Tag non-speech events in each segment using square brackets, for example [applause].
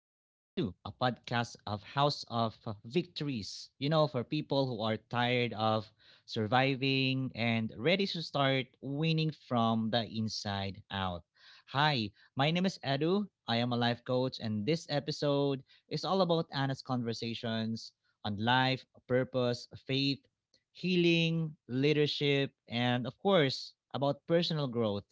a podcast of House of Victories. You know, for people who are tired of surviving and ready to start winning from the inside out. Hi, my name is Edu. I am a life coach, and this episode is all about honest conversations on life, purpose, faith, healing, leadership, and of course, about personal growth.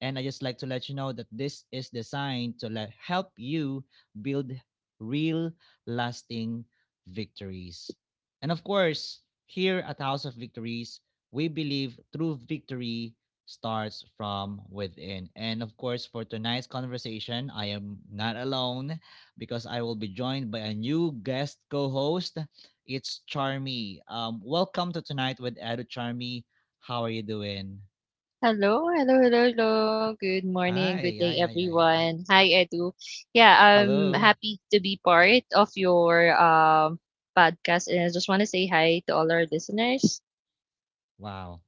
And I just like to let you know that this is designed to let help you build real, lasting victories. And of course, here at House of Victories, we believe true victory starts from within. And of course, for tonight's conversation, I am not alone because I will be joined by a new guest co host. It's Charmy. Welcome to Tonight with Edu Charmy. How are you doing? Hello, hello, hello, hello. Good morning, good Hi, hi, day, hi, hi. everyone. Hi, Edu. Yeah, I'm Hello. happy to be part of your podcast, and I just want to say hi to all our listeners. Wow.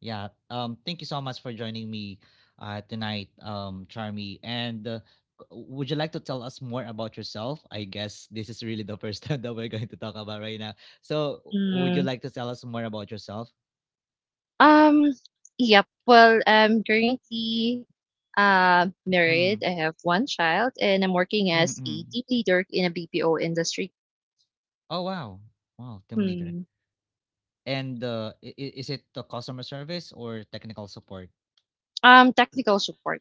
Yeah. Thank you so much for joining me, tonight, Charmy. Would you like to tell us more about yourself? I guess this is really the first [laughs] time that we're going to talk about right now. So, would you Mm, like to tell us more about yourself? um, yep. Well, I'm currently married. I Mm, have one child, and I'm working as a mm-mm. team leader in a BPO industry. Oh wow. Wow. Team leader. Hmm. Is it the customer service or technical support? Technical support.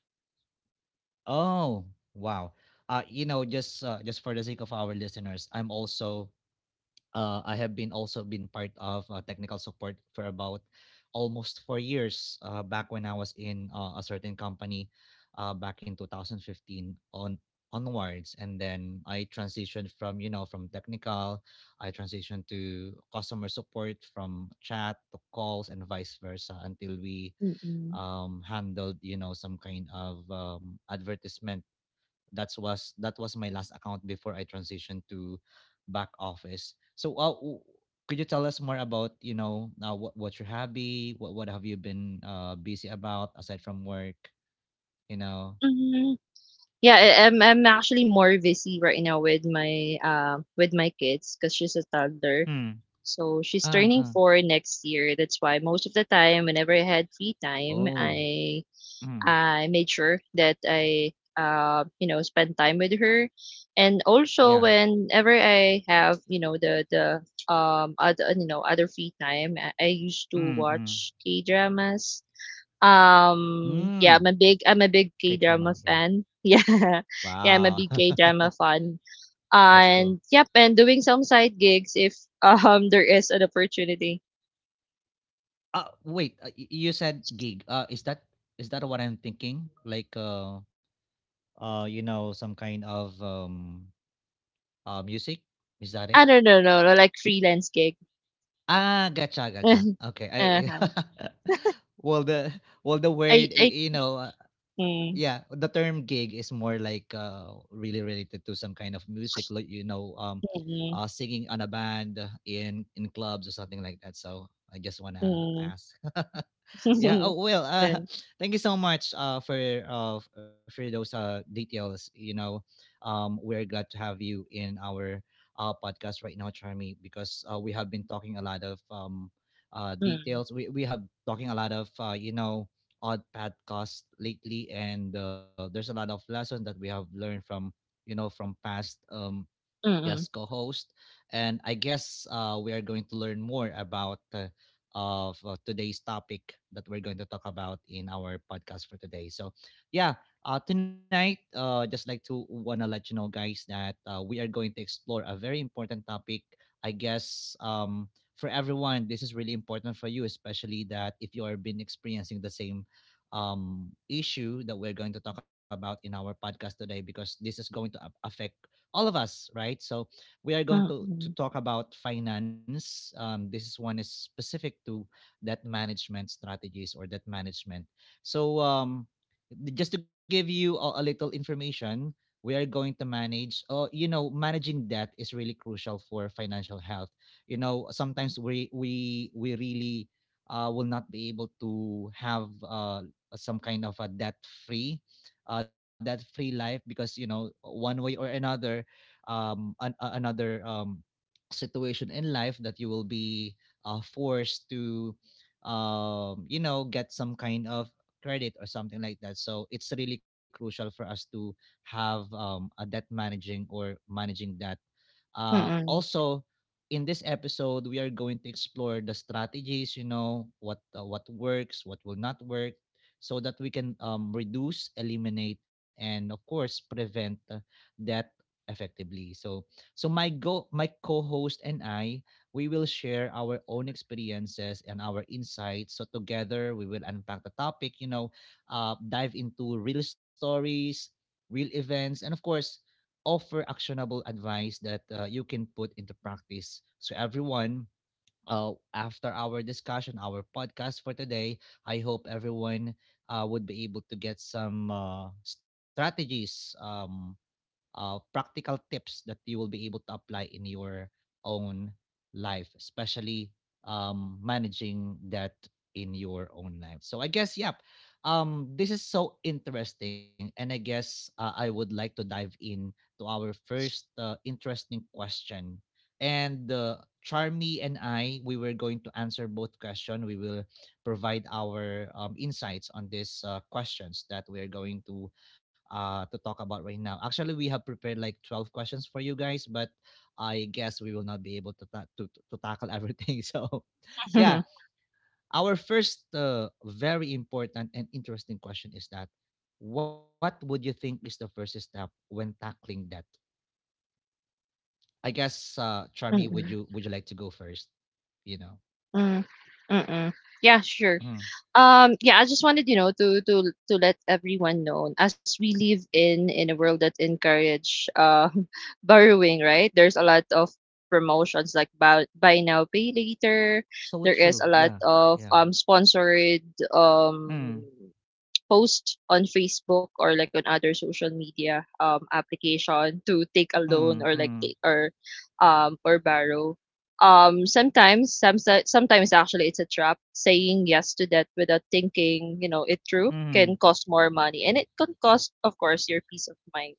Oh wow. You know, just for the sake of our listeners, I'm also I have been also been part of technical support for about almost 4 years back when I was in a certain company back in 2015 on onwards, and then I transitioned from from technical I transitioned to customer support from chat to calls and vice versa until we Mm-mm. Handled some kind of advertisement that was my last account before I transitioned to back office. So, could you tell us more about what what's your hobby? What have you been busy about aside from work? You know. Mm-hmm. Yeah, I'm actually more busy right now with my kids because she's a toddler. Mm. So she's Ah turning ah. four next year. That's why most of the time, whenever I had free time, Oh. I Mm. I made sure that I spend time with her, and also Yeah. whenever I have the other other free time, I used to Mm. Mm. watch K dramas. Yeah, Hmm. I'm a big K drama. K-drama Yeah. fan. [laughs] Yeah. Yeah, I'm a Wow. big K-drama [laughs] fan. That's cool. And yep, and doing some side gigs if [laughs] there is an opportunity. Wait. You said gig. Is that is that what I'm thinking? You know, some kind of uh, music? Is that it? I don't know, no, no, like freelance gig. Ah, gotcha, [laughs] gotcha. Okay, I Uh-huh. [laughs] well the well the I word mm, yeah the term gig is more like really related to some kind of music like mm, singing on a band in clubs or something like that. So I just wanna mm, ask. [laughs] Yeah, oh mm. well, [laughs] No. [laughs] thank you so much for for those details, you know, we're glad to have you in our podcast right now, Charmy, because we have been talking a lot of Mm, details, we have talking a lot of you know odd podcasts lately, and there's a lot of lessons that we have learned from from past mm, guest co-host, and I guess we are going to learn more about of today's topic that we're going to talk about in our podcast for today. So, yeah, tonight, just like to wanna let you know, guys, that we are going to explore a very important topic. I guess for everyone, this is really important for you, especially that if you are been experiencing the same issue that we're going to talk about in our podcast today, because this is going to affect all of us, right? So, we are going mm, to mm, talk about finance. This is one is specific to that management strategies or that management. So, just to give you a little information, we are going to manage. Oh, you know, managing debt is really crucial for financial health. You know, sometimes we really will not be able to have some kind of a debt free that free life, because you know one way or another another situation in life that you will be forced to you know get some kind of credit or something like that, so it's really crucial for us to have a debt managing or managing that mm, mm, also, in this episode, we are going to explore the strategies. You know what works, what will not work, so that we can reduce, eliminate, and of course prevent that effectively. So, my co-host and I, we will share our own experiences and our insights. So together, we will unpack the topic. You know, dive into real stories, real events, and of course offer actionable advice that you can put into practice. So, everyone, after our discussion, our podcast for today, I hope everyone would be able to get some strategies, practical tips that you will be able to apply in your own life, especially managing that in your own life. So I guess, yep, this is so interesting, and I guess I would like to dive in to our first interesting question. And Charmy and I, we were going to answer both questions. We will provide our insights on these questions that we are going to talk about right now. Actually, we have prepared like 12 questions for you guys, but I guess we will not be able to tackle everything. [laughs] So, [laughs] yeah, mm, our first very important and interesting question is that what would you think is the first step when tackling that? I guess Charmy, would mm, you would you like to go first? You know. mm, mm. Yeah, sure. Mm. Yeah, I just wanted, you know, to to let everyone know as we live in a world that encourage [laughs] borrowing, right? There's a lot of promotions like buy now, pay later. So There is a true. lot Yeah. of Yeah. Sponsored um Mm. post on Facebook or like on other social media application to take a loan or Mm. like take Mm. Or borrow. Um sometimes some sometimes actually it's a trap. Saying yes to that without thinking, you know, it through can Mm. cost more money and it can cost of course your peace of mind.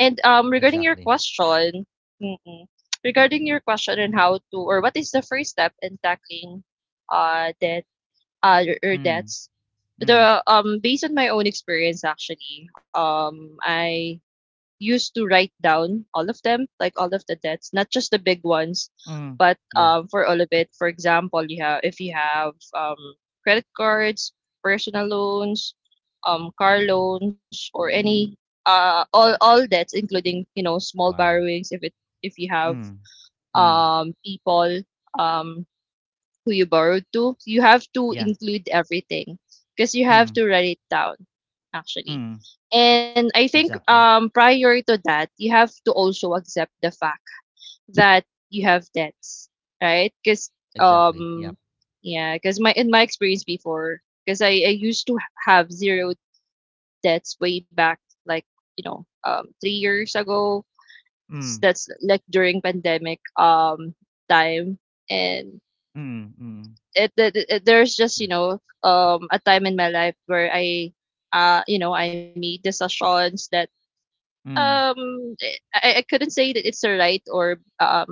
And regarding Exactly. your question, mm-mm, regarding your question on how to or what is the first step in tackling debt your Mm. debts. Mm. The Based on my own experience actually, I used to write down all of them, like all of the debts, not just the big ones, Mm. but Yeah. For all of it. For example, you have if you have credit cards, personal loans, car loans or any all debts including, you know, small Wow. borrowings if it if you have Mm, mm, people um who you borrowed to, you have to yeah, include everything because you have mm, to write it down, actually. mm, And I exactly, think prior to that, you have to also accept the fact that you have debts, right? Because exactly, um, yep, yeah, because my in my experience before, because I used to have zero debts way back, like you know, 3 years ago. Mm, That's like during pandemic time, and mm, mm, it there's just you the- know a time in my life where I I made decisions that mm, um I couldn't say that it's a right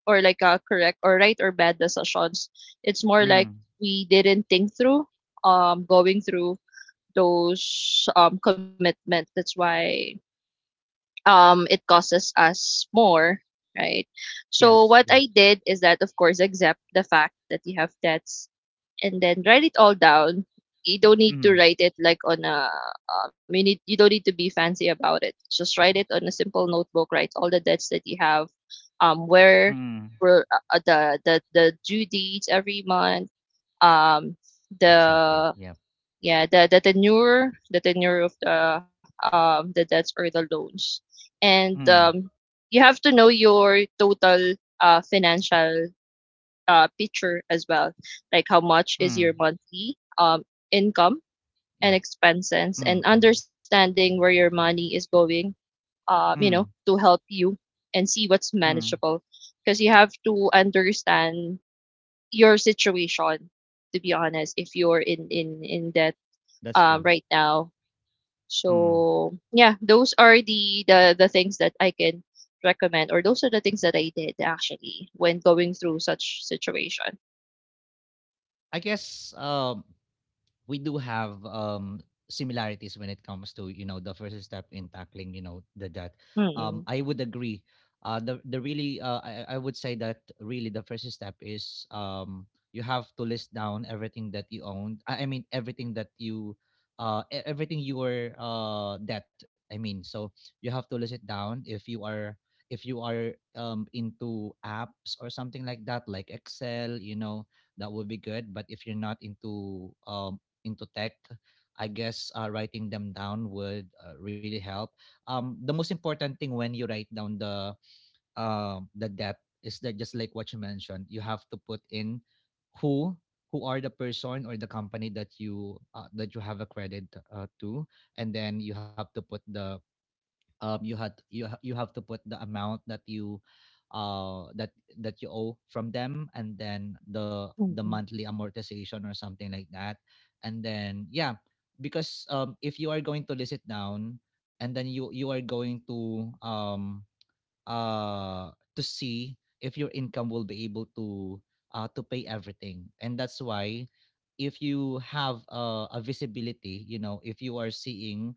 or like a correct or right or bad decisions. It's more like mm, we didn't think through going through those commitment. That's why it causes us more, right? So yes, what yep, I did is that of course accept the fact that you have debts and then write it all down. You don't need to mm, write it like on a you don't need to be fancy about it. Just write it on a simple notebook. Write all the debts that you have. Where mm, were the the due dates every month. Um, exactly, the yeah, the the tenure of the debts or the loans, and mm, you have to know your total financial picture as well, like how much is your mm, monthly income and yep, expenses, and mm, mm, understanding where your money is going, you know, mm, to help you and see what's mm, manageable. Because you have to understand your situation, to be honest, if you're in in debt that's true, right now. mm. So yeah, those are the the things that I can recommend, or those are the things that I did actually when going through such situation. I guess, we do have similarities when it comes to you know the first step in tackling you know the debt. Hmm. I would agree The really, I would say that really the first step is you have to list down everything that you owned, I mean everything that you everything your debt, I mean, so you have to list it down. If you are into apps or something like that like Excel, you know, that would be good, but if you're not into into tech, I guess writing them down would really help. The most important thing when you write down the depth is that just like what you mentioned, you have to put in who who are the person or the company that you have a credit to, and then you have to put the you had you ha- you have to put the amount that you that you owe from them, and then the Mm, monthly amortization or something like that, and then yeah, because if you are going to list it down, and then you are going to see if your income will be able to pay everything. And that's why if you have a visibility, you know, if you are seeing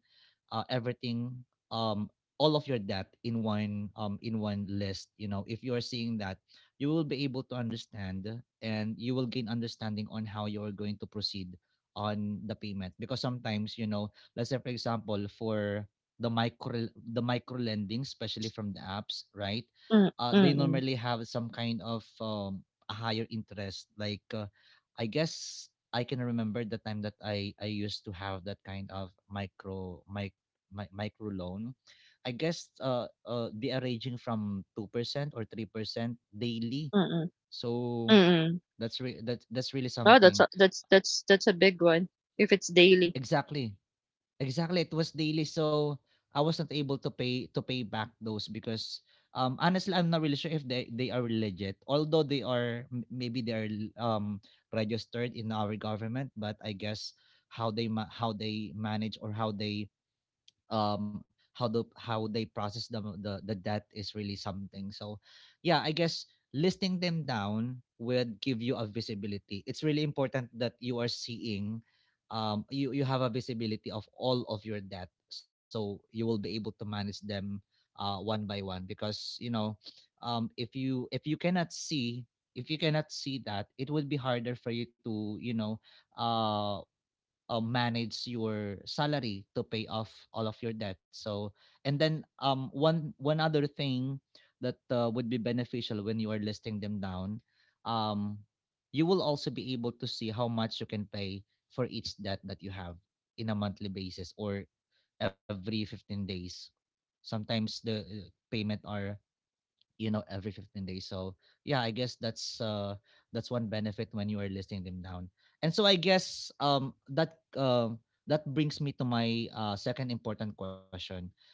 everything, um, all of your debt in one list, you know, if you are seeing that, you will be able to understand, and you will gain understanding on how you are going to proceed on the payment, because sometimes you know, let's say for example for the micro the micro lending, especially from the apps, right? mm, mm, They mm, mm. normally have some kind of a higher interest. Like I guess I can remember the time that I used to have that kind of micro loan. I guess they are ranging from 2% or 3% daily. mm mm. So mm. That that's really Oh, that's a something. Uh, that's a big one if it's daily. Exactly. Exactly, it was daily, so I was not able to pay back those because honestly I'm not really sure if they are legit. Although they are m- Maybe they are registered in our government, but I guess how they how they manage or how they um how the how they process the debt is really something. So yeah, I guess listing them down would give you a visibility. It's really important that you are seeing you you have a visibility of all of your debt so you will be able to manage them one by one, because if you cannot see, if you cannot see that, it would be harder for you to uh manage your salary to pay off all of your debt. So, and then one other thing that would be beneficial when you are listing them down, um, you will also be able to see how much you can pay for each debt that you have in a monthly basis or every 15 days. Sometimes the payment are, you know, every 15 days. So yeah, I guess that's that's one benefit when you are listing them down. And so I guess that brings me to my second important question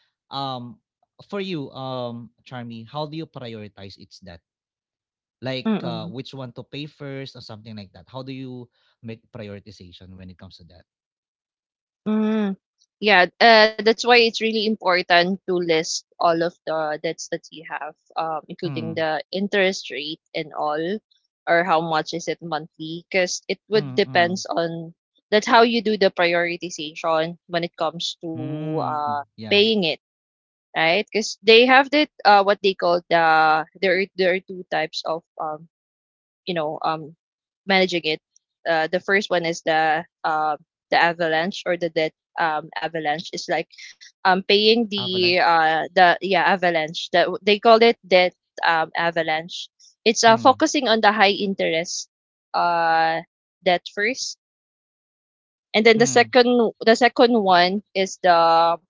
um for you, Charmy. How do you prioritize its debt? Like Mm-mm. which one to pay first or something like that? How do you make prioritization when it comes to that? Mm. Yeah, that's why it's really important to list all of the debts that you have, including mm, the interest rate and all, or how much is it monthly, because it would mm, depends mm, on that's how you do the prioritization when it comes to mm. Yeah, paying it. Right? Because they have that what they call there are two types of you know um managing it. The first one is the avalanche or the debt avalanche. It's like paying avalanche. The yeah, avalanche that they call it, debt avalanche. It's mm, focusing on the high interest uh debt first, and then mm, the second one is the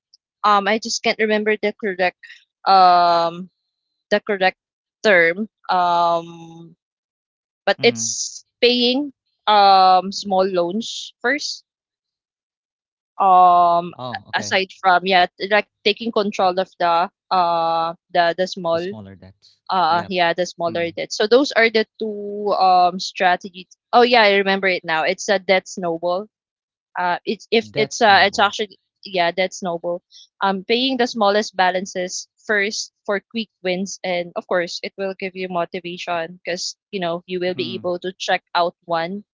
I just can't remember the correct um the correct term. But mm. it's paying small loans first. Oh, okay. Aside from yeah, like taking control of the the The small smaller dots. Yep. yeah, the smaller Mm. debt. So those are the two strategies. Oh yeah, I remember it now. It's a debt snowball. It's if it's That's it's noble. actually Yeah, that's noble. Paying the smallest balances first for quick wins, and of course it will give you motivation because you know you will be Mm. able to check out one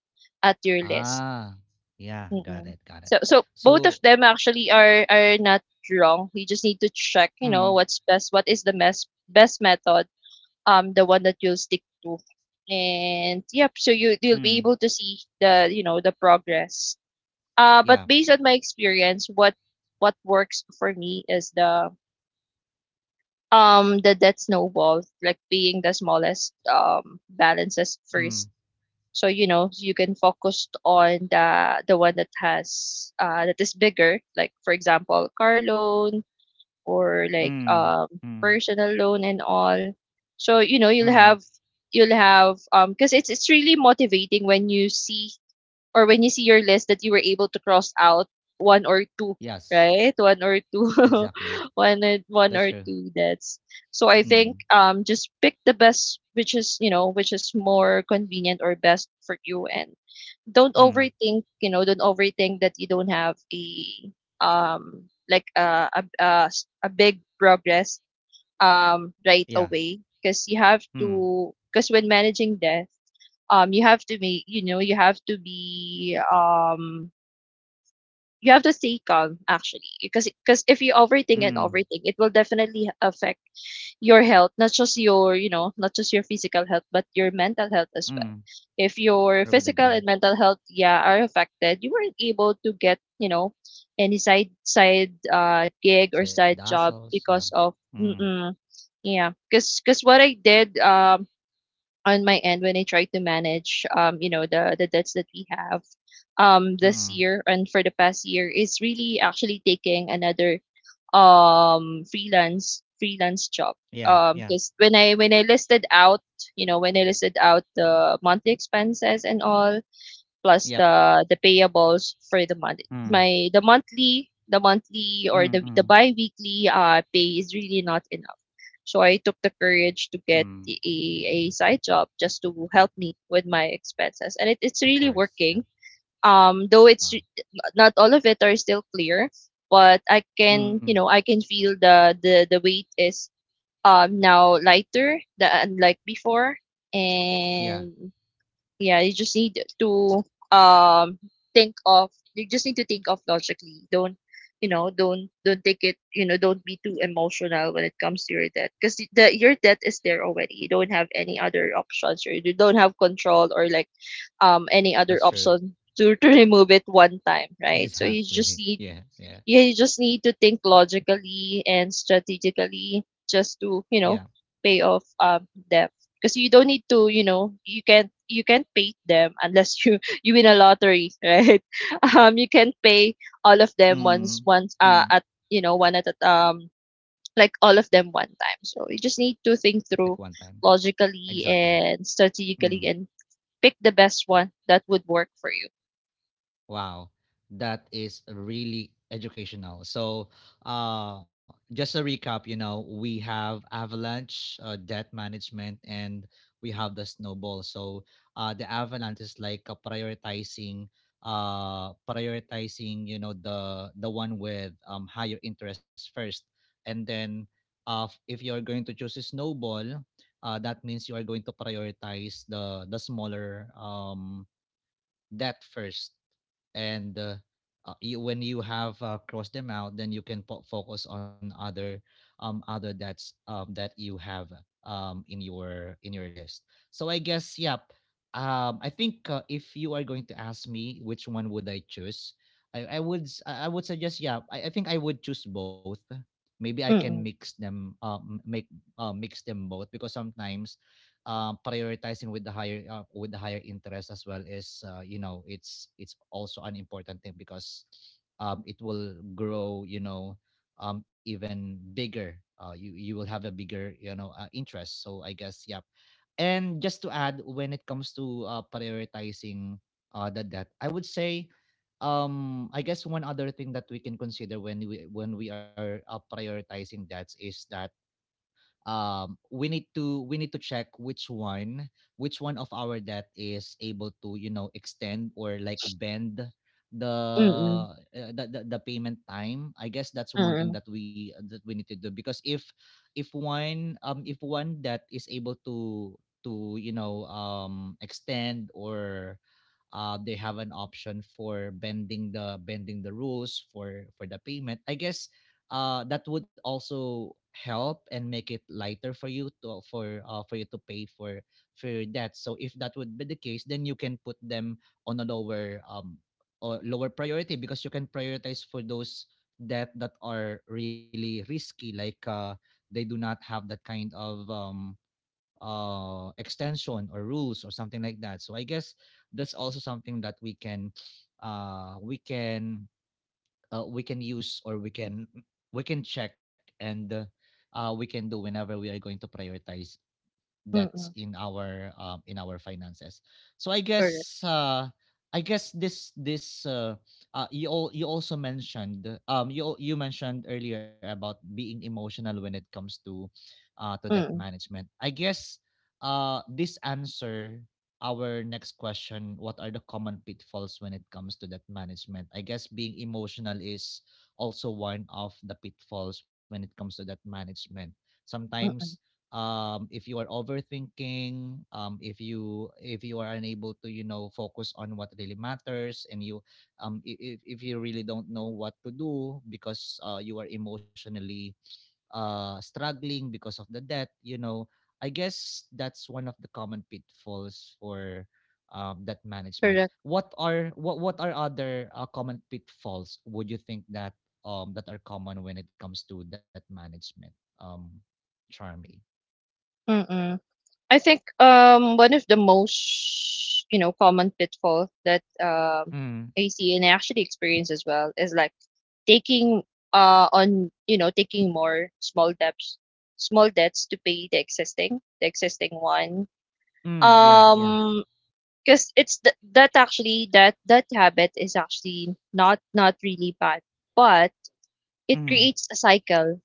at your list. Ah, yeah, got Mm-mm. it, got it. So so both of So, them actually are not wrong. You just need to check you Mm. know what's best, what is the best method, the one that you'll stick to, and yep. So you you'll be Mm. able to see the you know the progress, but Yeah, based on my experience, what works for me is the debt snowball, like paying the smallest balances Mm. first. So you know you can focus on the one that has that is bigger, like for example car loan or like Mm. Mm. personal loan and all. So you know Mm. You'll have because it's really motivating when you see or when you see your list that you were able to cross out one or two, Yes, right? One or two, [laughs] exactly. one and That's one true. or two. That's so. I Mm. think just pick the best, which is you know which is more convenient or best for you, and don't Mm. overthink. You know, don't overthink that you don't have a like a big progress right Yeah, away because you have Mm. to because when managing death you have to make you know you have to be you have to stay calm actually because if you overthink Mm. and overthink it will definitely affect your health, not just your you know not just your physical health but your mental health as well. Mm. If your I would physical agree. and mental health yeah are affected you weren't able to get you know any side side gig or Side side job hustles, yeah. because of Mm. mm-mm, yeah because what I did on my end when I try to manage you know the debts that we have this Mm. year and for the past year is really actually taking another freelance job Yeah. Yeah. because when I listed out you know when I listed out the monthly expenses and all plus Yep, the payables for the month, Mm. my the monthly or Mm. The Mm. biweekly pay is really not enough. So I took the courage to get Mm. A side job just to help me with my expenses. And it's Of really course. Yeah. working. Though it's Wow. Not all of it are still clear, but I Mm. can, you know, I can feel the weight is now lighter than like before. Yeah, And yeah, you just need to um think of you just need to think of logically. Don't you know, don't take it, you know, don't be too emotional when it comes to your debt because the your debt is there already. You don't have any other options or you don't have control or like any other that's true. option to remove it one time, right? So you just Exactly. [laughs] need Yeah, yeah, yeah, you just need to think logically and strategically just to, you yeah. know, pay off debt. Because you don't need to, you know, you can't pay them unless you [laughs] you win a lottery, right? [laughs] You can't pay all of them once Mm, once mm. at you know one at a like all of them one time. So you just need to think Like through one time. logically Exactly. and strategically and pick the best one that would work for you. Wow, that is really educational. So, just a recap, you know, we have avalanche, debt management, and we have the snowball. So, the avalanche is like prioritizing, prioritizing, you know, the one with higher interest first, and then, if you are going to choose a snowball, that means you are going to prioritize the smaller debt first. And you, when you have crossed them out, then you can focus on other other that you have in your list. So I guess, yep. I think if you are going to ask me which one would I choose, I would suggest, I think I would choose both. Maybe I can Mm mix them. Make Mix them both, because sometimes prioritizing with the higher interest as well is, you know, it's also an important thing, because it will grow, you know, even bigger. You you will have a bigger, you know, interest. So I guess, yep. And just to add, when it comes to prioritizing the debt, I would say, I guess one other thing that we can consider when we are prioritizing debts is that we need to check which one, which one of our debt is able to, you know, extend or like bend the mm mm uh, the, the payment time. I guess that's one thing mm that we need to do, because if one, if one that is able to you know extend, or they have an option for bending the rules for the payment, I guess that would also help and make it lighter for you to, for you to pay for that. So if that would be the case, then you can put them on a lower or lower priority, because you can prioritize for those debt that are really risky, like they do not have that kind of extension or rules or something like that. So I guess that's also something that we can uh we can we can use, or we can, we can check and we can do whenever we are going to prioritize mm that's mm. In our finances. So Correct. I guess this you all you also mentioned, you mentioned earlier about being emotional when it comes to that Mm management. I guess this answer our next question: what are the common pitfalls when it comes to that management? I guess being emotional is also one of the pitfalls when it comes to that management. Sometimes mm if you are overthinking, if you, if you are unable to, you know, focus on what really matters, and you if you really don't know what to do, because you are emotionally struggling because of the debt, you know, I guess that's one of the common pitfalls for that management. Correct. What are, what are other common pitfalls would you think that that are common when it comes to debt management, um Charmy? Mm. I think one of the most common pitfall that Mm, I see and I actually experience as well is like taking on taking more small debts to pay the existing one. mm, yeah, yeah. um because that actually that habit is actually not really bad, but it Mm, creates a cycle,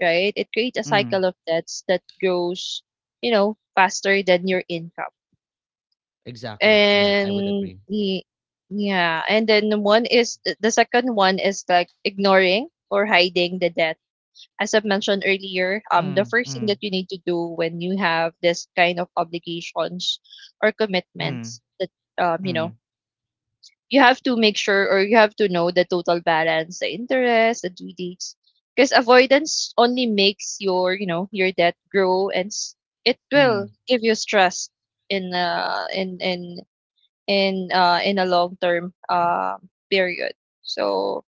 right? It creates mm. a cycle of debts that grows, you know, faster than your income. Exactly. Yeah, I would And agree. y- yeah, and then one is the second one is like ignoring or hiding the debt. As I've mentioned earlier, Mm, the mm, first thing that you need to do when you have this kind of obligations or mm, commitments that um, you know, mm, you have to make sure, or you have to know the total balance, the interest, the due dates. Because avoidance only makes your debt grow, and it will mm, give you stress in in a long term period. So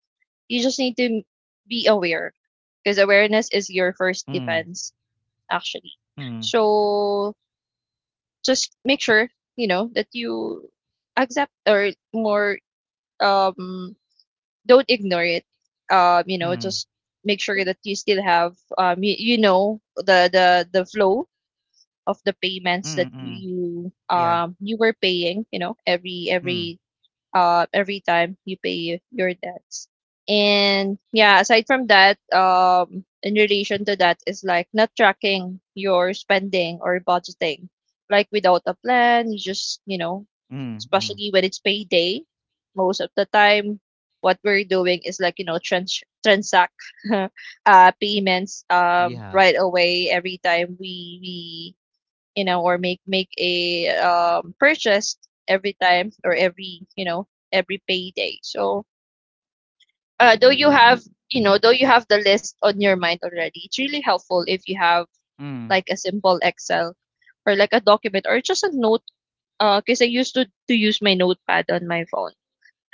you just need to be aware, because awareness is your mm, first defense actually. mm, So just make sure, you know, that you accept, or more um don't ignore it. Mm, Just make sure that you still have you, you know, the flow of the mm, payments mm. that you you, Yeah. um you were paying. You know, Mm, every time you pay your debts. And yeah, aside from that, in relation to that is like not tracking your spending or budgeting, like without a plan. You just, you know, mm, mm. especially when it's payday, most of the time, what we're doing is like, you know, transact [laughs] payments Yeah. Right away every time we you know, or make a purchase every time, or every payday. So though you have though you have the list on your mind already, it's really helpful if you Mm, have like a simple Excel, or like a document, or just a note. Because I used to use my notepad on my phone.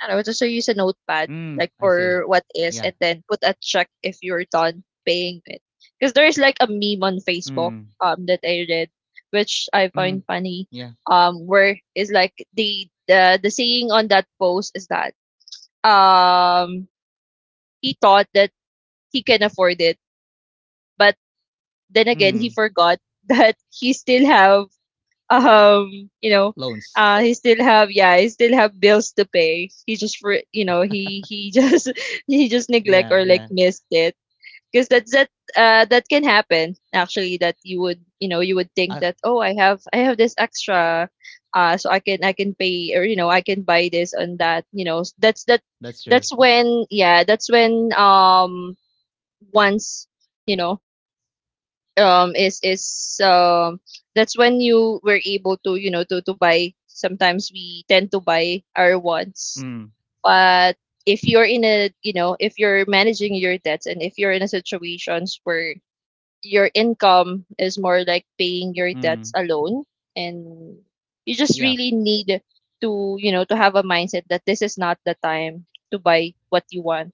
I don't know, just so use a mm. notepad, I see. like for Yeah. what is, and then put a check if you're done paying it. Because there is like a meme Mm, on Facebook that I read, mm. which I Yeah. find funny, where is like the saying on that post is that um he thought that he can afford it, but Mm. then again he forgot [laughs] that he still have um you know Loans. He still have, yeah, he still have bills to pay. He just for you know [laughs] He just [laughs] he just neglect Yeah, or yeah. like missed it. Because that can happen actually, that you would, you know, Uh, you would think that, oh, I have this extra, so I can pay, or you know, I can buy this and that, you know. That's true. That's when, yeah, that's when, once you know is that's when you were able to, you know, to buy. Sometimes we tend to buy our wants, Mm, but if you're in a, you know, if you're managing your debts, and if you're in a situations where your income is more like mm. paying your debts alone, and Yeah, you just really need to, you know, to have a mindset that this is not the time to buy what you want,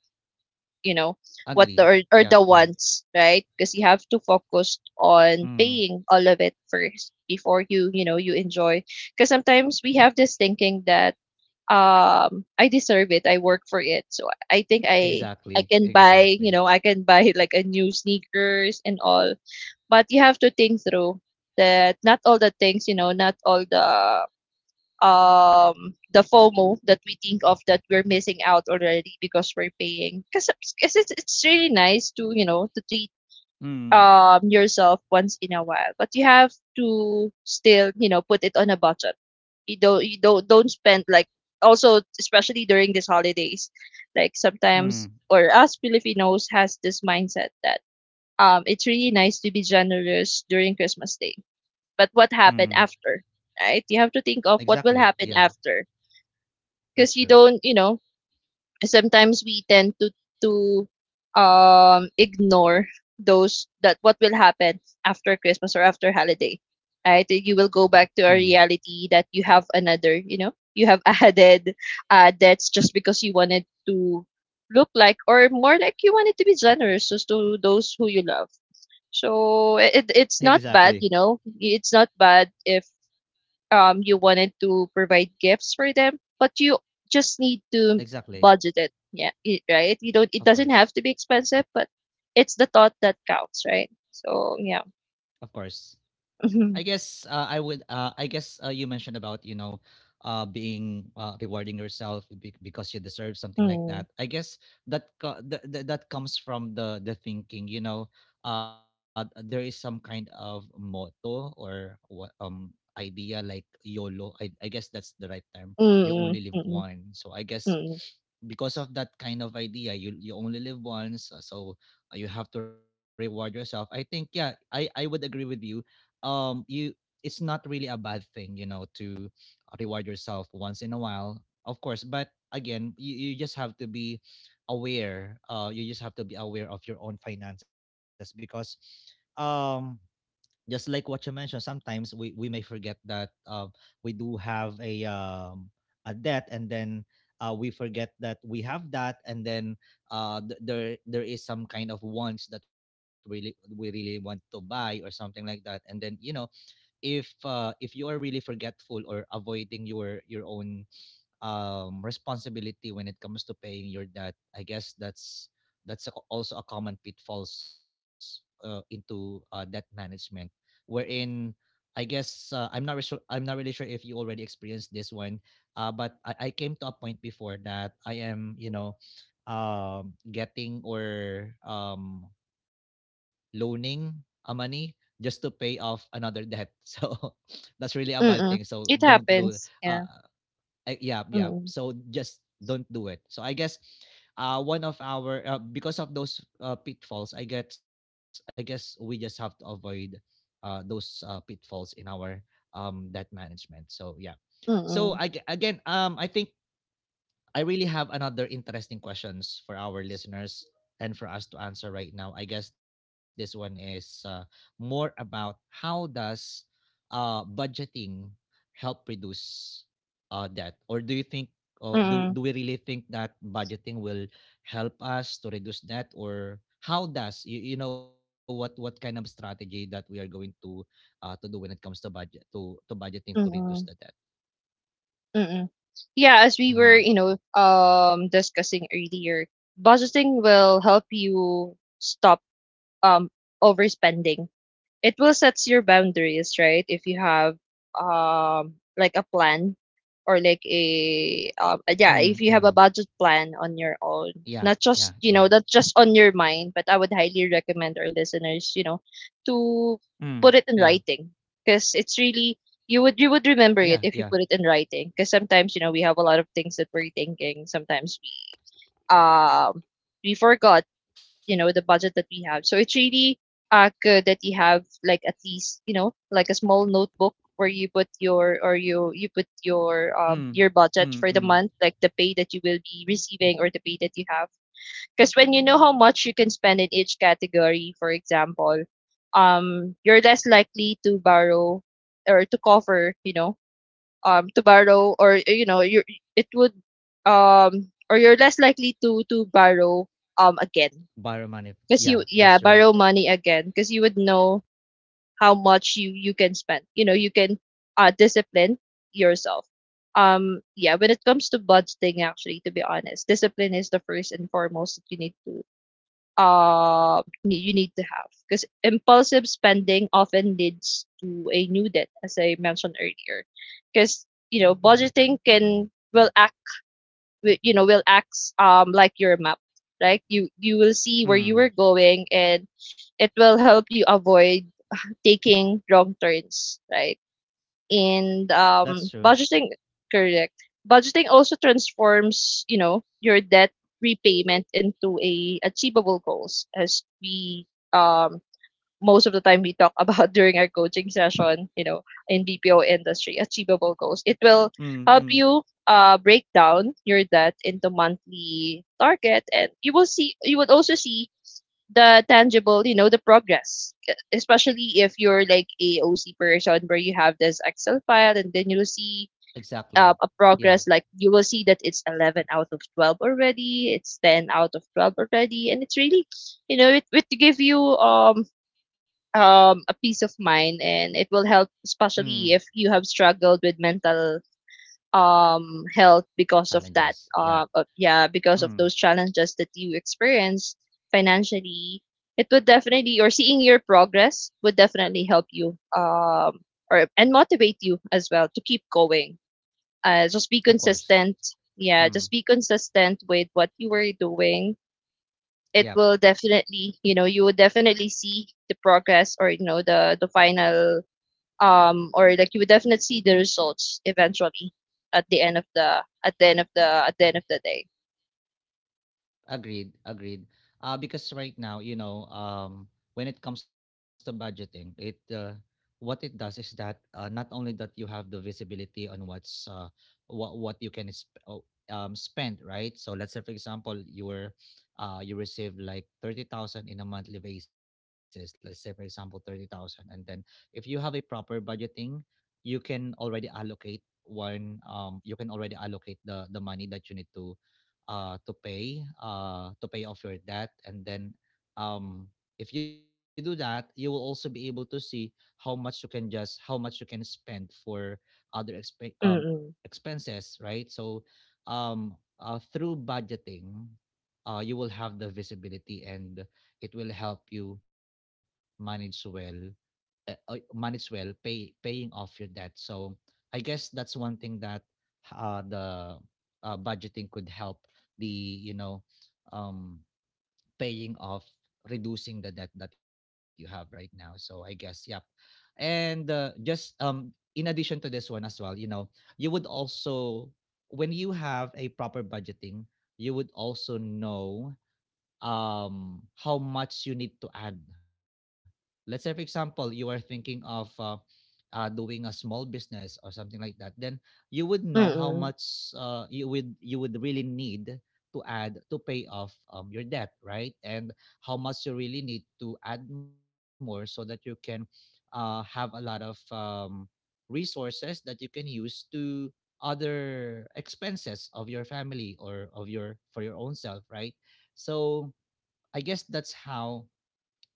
you know, agree. Yep, or the yeah. wants, right? Because you have to focus Mm, on paying all of it first before you, you know, you enjoy. Because sometimes we have this thinking that, I deserve it, I work for it, so I think i i exactly, can buy, you exactly. know, I can buy like a new sneakers and all. But you have to think through that not all the things, you know, not all the FOMO that we think of, that we're missing out already because we're paying. Because it's really nice to, you know, to treat Mm, yourself once in a while, but you have to still, you know, put it on a budget. You don't, you don't spend like, also especially during these holidays, like mm, sometimes, or us Filipinos has this mindset that it's really nice to be generous during Christmas day, but what mm. happened after, right? You have to think of what will Exactly. happen Yeah, after. that's Because you true. don't, you know, sometimes we tend to ignore those, that what will happen after Christmas or after holiday, right? You will go Hmm. back to a reality that you have another, you know, you have [laughs] added debts just because you wanted to look like, or more like, you wanted to be generous just to those who you love. So it, Exactly. it's not bad, you know, it's not bad if you wanted to provide gifts for them, but you just need to Exactly. budget it. Yeah, right? You don't, it Of doesn't course. have to be expensive, but it's the thought that counts, right? So, yeah. Of course. I guess [laughs] Mm-hmm. I would. I guess you mentioned about, you know, being, rewarding yourself because you deserve something like that. Mm. I guess that that comes from the thinking. You know, there is some kind of motto or what idea like YOLO. I guess that's the right term. You only Mm. live Mm. one. So I guess Mm. because of that kind of idea, you only live once. So you have to reward yourself. I think, yeah, I would agree with you. You, it's not really a bad thing, you know, to reward yourself once in a while, of course, but again you, you just have to be aware. You just have to be aware of your own finances, because um just like what you mentioned, sometimes we may forget that we do have a debt, and then we forget that we have that, and then there there is some kind of wants that really we really want to buy or something like that, and then you know, if you are really forgetful or avoiding your own responsibility when it comes to paying your debt, I guess that's a- also a common pitfalls into debt management, wherein I guess I'm not really sure if you already experienced this one, but I came to a point before that I am, you know, getting or loaning a money just to pay off another debt. [laughs] So that's really a bad thing. So Mm. don't It do happens. uh Yeah. Yeah, yeah. Mm. So just don't do it. So I guess one of our because of those pitfalls, I guess, I guess we just have to avoid those pitfalls in our debt management. So yeah. So I, Mm. again, I think I really have another interesting questions for our listeners and for us to answer right now. I guess this one is more about how does budgeting help reduce debt, or do you think, or do Mm. we really think that budgeting will help us to reduce debt, or how does you, you know, what kind of strategy that we are going to do when it comes to budget to budgeting to reduce the Mm. debt? Mm. Yeah, as we were, Mhm. you know, discussing earlier, budgeting will help you stop um overspending. It will sets your boundaries, right? If you have like a plan, or like a yeah, if you have Mm-hmm. a budget plan on your own, Yeah, not yeah, just, you yeah. know, not just on your mind, but I would highly recommend our listeners, you know, Mm. to Yeah. put it in writing. Because it's really, you would, you would Yeah, remember it yeah. if you put it in writing, because sometimes, you know, we have a lot of things that we're thinking, sometimes um we forgot, you know, the budget that we have. So it's really good that you have like at least, you know, like a small notebook where you put your, or you put Mm. Your Mm, budget for the mm. month, like the pay that you will be receiving, or the pay that you have. Because when you know how much you can spend in each category, for example, you're less likely to borrow, or to cover, you know, to borrow or you know you it would or you're less likely to borrow again, Biomanif. because you, Yeah, yeah, that's true. borrow money again, because you would know how much you you can spend. You know, you can discipline yourself. Yeah, when it comes to budgeting, actually, to be honest, discipline is the first and foremost that you need to, you need to have, because impulsive spending often leads to a new debt, as I mentioned earlier. Because, you know, budgeting can will wi- you know, will act like your map, right? You will see where you were Mm. going, and it will help you avoid taking wrong turns, right? And That's true. Correct budgeting also transforms, you know, your debt repayment into a achievable goals. As we um most of the time we talk about [laughs] during our coaching session, you know, in BPO industry, achievable goals. It will Mm, mm. help you, break down your debt into monthly target, and you will see. You would also see the tangible, you know, the progress. Especially if you're like a O C person, where you have this Excel file, and then you'll see Exactly. A Yeah. progress. Like you will see that it's 11 out of 12 already. It's 10 out of 12 already, and it's really, you know, it would give you a peace of mind, and it will help, Mm. especially if you have struggled with mental health because of Challenges. that Yeah. Yeah, because Mm. of those challenges that you experience financially. It would definitely, or seeing your progress would definitely help you, or and motivate you as well to keep going. Of Just be course. consistent, Mm. yeah, just be consistent with what you were doing. It Yeah. will definitely, you know, you would definitely see the progress, or you know, the final or like, you would definitely see the results eventually, at the end of the at the end of the at the end of the day. Agreed, agreed. Because right now, you know, when it comes to budgeting, it what it does is that not only that you have the visibility on what's what you can spend, right? So let's say, for example, you were you receive like 30,000 in a monthly basis. Let's say, for example, 30,000, and then if you have a proper budgeting, you can already allocate one. You can already allocate the money that you need to to pay off your debt. And then um, if you do that, you will also be able to see how much you can just how much you can spend for other Mm expenses, right? So um, through budgeting you will have the visibility, and it will help you manage well, might as well pay paying off your debt. So I guess that's one thing that the budgeting could help the, you know, um, paying off reducing the debt that you have right now. So I guess yep. And just in addition to this one as well, you know, you would also when you have a proper budgeting, you would also know how much you need to add. Let's say, for example, you are thinking of doing a small business or something like that, then you would know how mm much mm you would really need to add to pay off your debt, right? And how much you really need to add more so that you can have a lot of resources that you can use to other expenses of your family or of your for your own self, right? So I guess that's how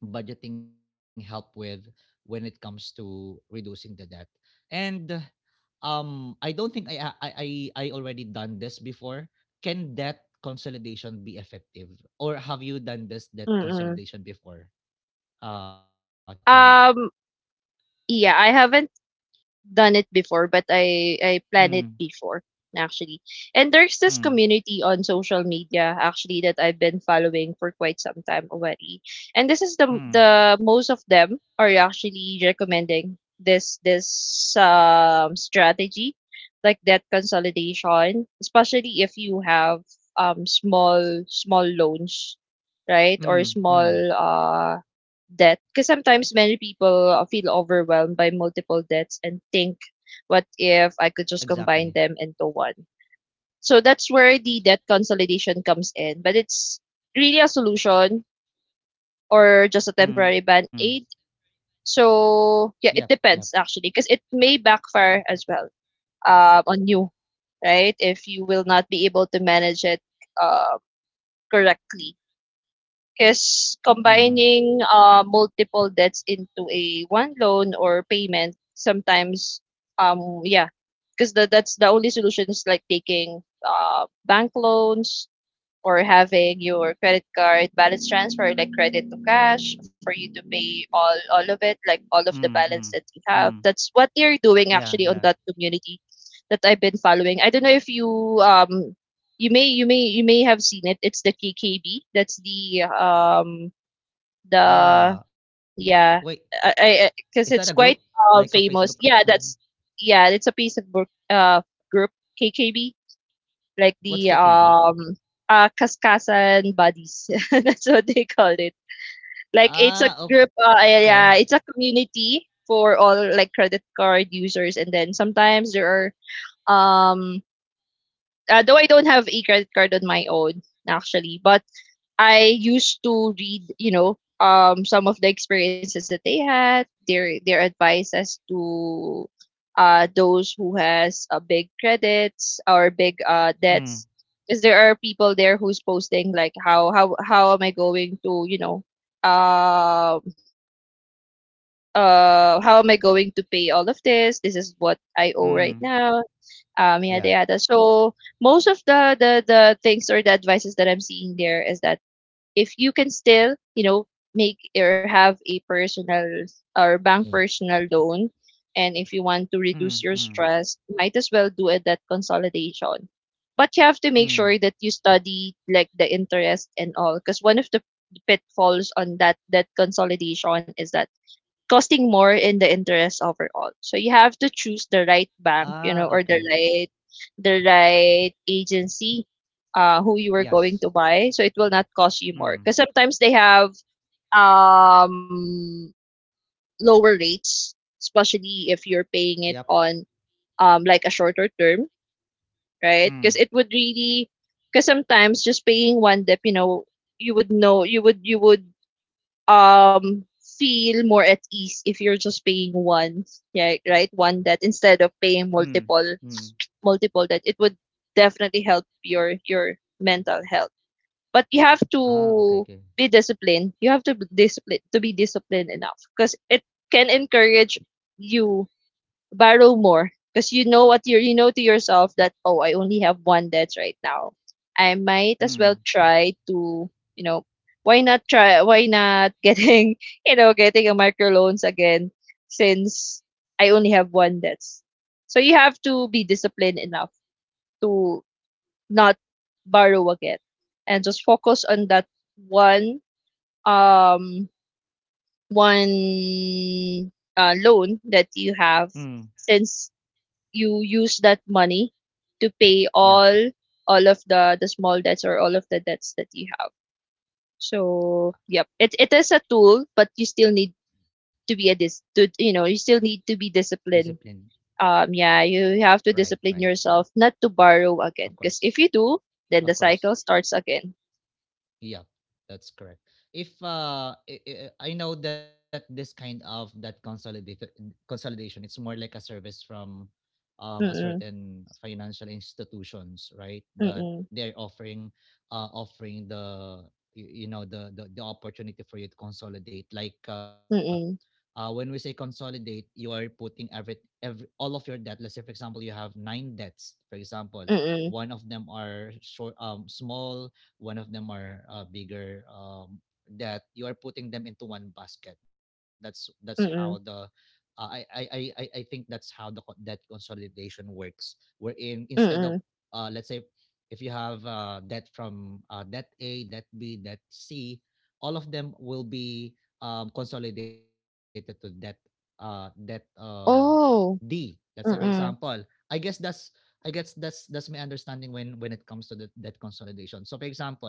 budgeting help with when it comes to reducing the debt. And I don't think I already done this before. Can debt consolidation be effective or have you done this debt mm consolidation before? Charmy. mm. Yeah, I haven't done it before, but I planned it Mm, before actually. And there's this mm, community on social media actually that I've been following for quite some time already. And this is mm. the most of them are actually recommending this strategy like debt consolidation, especially if you have um small small loans, right? Or Mm, small mm, debt, because sometimes many people feel overwhelmed by multiple debts and think, what if I could exactly. just combine them into one? So that's where the debt consolidation comes in, but it's really a solution or just a temporary Mm. band-aid. Yep, So yeah, it yep. depends actually, because it may backfire as well on you, right, if you will not be able to manage it uh, correctly. 'Cause Mm, combining, multiple debts into a one loan or payment sometimes, yeah, cause that's the only solution, is like taking, bank loans or having your credit card balance transfer, like credit to cash, for you to pay all of it, mm, like all mm, of the balance that mm. you have. That's what they're Yeah, doing yeah. actually on that community that I've been following. I don't know if you, um you may, you may have seen it. It's the KKB. That's the Ah, wait. yeah. I Is that a because group it's quite like a Facebook group famous, something? yeah, that's yeah. It's a Facebook group, KKB, like What's the KKB? Kaskasan Buddies. [laughs] That's what they call it. Like it's Ah, a group, okay. Yeah, yeah, it's a community for all like credit card users. And then sometimes there are though I don't have a credit card on my own actually, but I used to read, some of the experiences that they had, their advice as to those who has big credits or big Mm, debts, because there are people there who's posting like, how how am I going to, you know um how am I going to pay all of this? This is what I owe right mm. now. Yada Yeah. yada. So most of the the things or the advices that I'm seeing there is that if you can still, you know, make or have a personal Mm. or bank personal loan, and if you want Mm, to reduce mm, your stress, might as well do a debt consolidation. But you have to make mm. sure that you study like the interest and all, because one of the pitfalls on that debt consolidation is that costing more in the interest overall. So you have to choose the right Ah, bank, you know, okay. or the right agency who you are Yes. going to buy, so it will not cost you more, Mm. because sometimes they have um lower rates, especially if you're Yep. paying it on like a shorter term, right? Mm, Because it would really, because sometimes just paying one dip, you know, you would feel more at ease if you're just paying one, yeah, right, one debt instead of paying mm, multiple, mm. multiple debt. It would definitely help your mental health. But you have Ah, okay, to okay. be disciplined. You have to be disciplined to Be disciplined enough, because it can encourage you borrow more, because you know what you're, you know to yourself, that oh, I only have one debt right now, I might as well Mm, try to, you know, why not try, why not [laughs] getting, you know, getting a micro loans again, since I only have one debt. So you have to be disciplined enough to not borrow again, and just focus on that one, um one loan that you have, mm. since you use that money to pay Yep. all of the small debts, or all of the debts that you have. So yep, it is a tool, but you still need to be a dis to you know, you still need to be disciplined. Discipline. Yeah, you have to Right, right. discipline yourself not to borrow Of again, because course. if you do, then the Of course. cycle starts again. Yeah, that's correct. If I know that this kind of that consolidated consolidation, it's more like a service from a Mm certain financial institutions, right? That mm they're offering offering the you know the, the opportunity for you to consolidate like mm when we say consolidate, you are putting every all of your debt. Let's say, for example, you have nine debts. For example, mm mm one of them are short, small. One of them are bigger debt. You are putting them into one basket. That's how the mm I think that's how the debt consolidation works. Wherein instead mm of mm. Let's say if you have debt from debt A, debt B, debt C, all of them will be consolidated to that uh, that uh, D. Oh. Let's say, for Mm example. mm I guess that's I guess that's my understanding when it comes to the debt consolidation. So for example,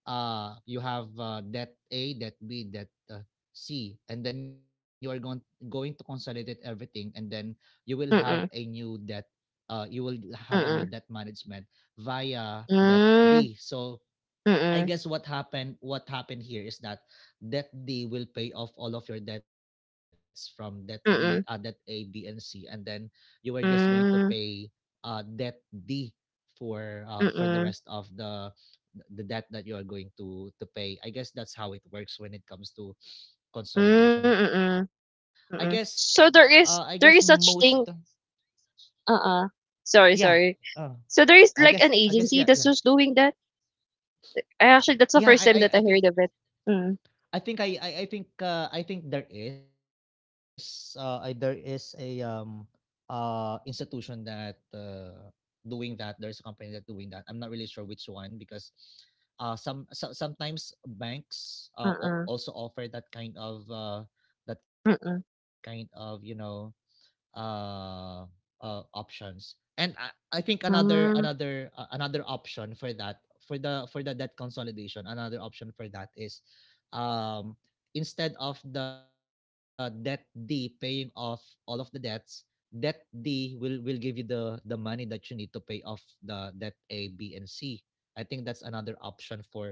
you have debt A, debt B, debt C, and then you are going to consolidate everything, and then you will have a mm new debt. You will have a new debt mm management via debt mm D. So mm I mm guess what happened here is that debt D will pay off all of your debts from debt A, mm B, and C. And then you are just going to mm pay mm debt D for the rest mm. of the debt that you are going to pay. I guess that's how it works when it comes to Hmm, consolidation. mm, I guess mm. I So guess there is, most such thing. Uh-uh. Yeah, Sorry, uh sorry. So there is I like guess, an yeah, yeah, agency that's just doing that? I actually, yeah. that's the first time that I heard of it. Mm, I think there is there is a institution that doing that. There's a company that doing that. I'm not really sure which one because sometimes banks mm, also offer that kind of mm, you know uh, options. And I think mm, another another option for that for the debt consolidation, another option for that is um, instead of the debt D paying off all of the debts, debt D will give you the money that you need to pay off the debt A, B, and C. I think that's another option for.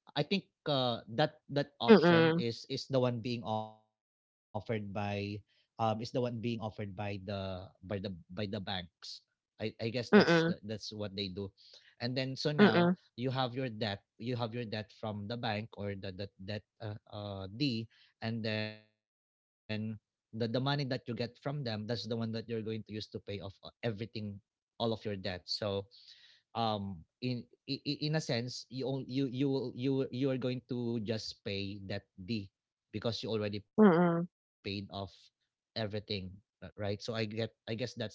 I think that that mm, mm, option is the one being offered by is the one being offered by the by the by the banks. I guess that's the, mm, that's what they do. And then so now mm, you have your debt you have your debt from the bank or the debt D. And then the money that you get from them, that's the one that you're going to use to pay off everything, all of your debt. So um in i- in a sense, you you you are going to just pay that D because you already paid mm, off everything, right? So I guess that's the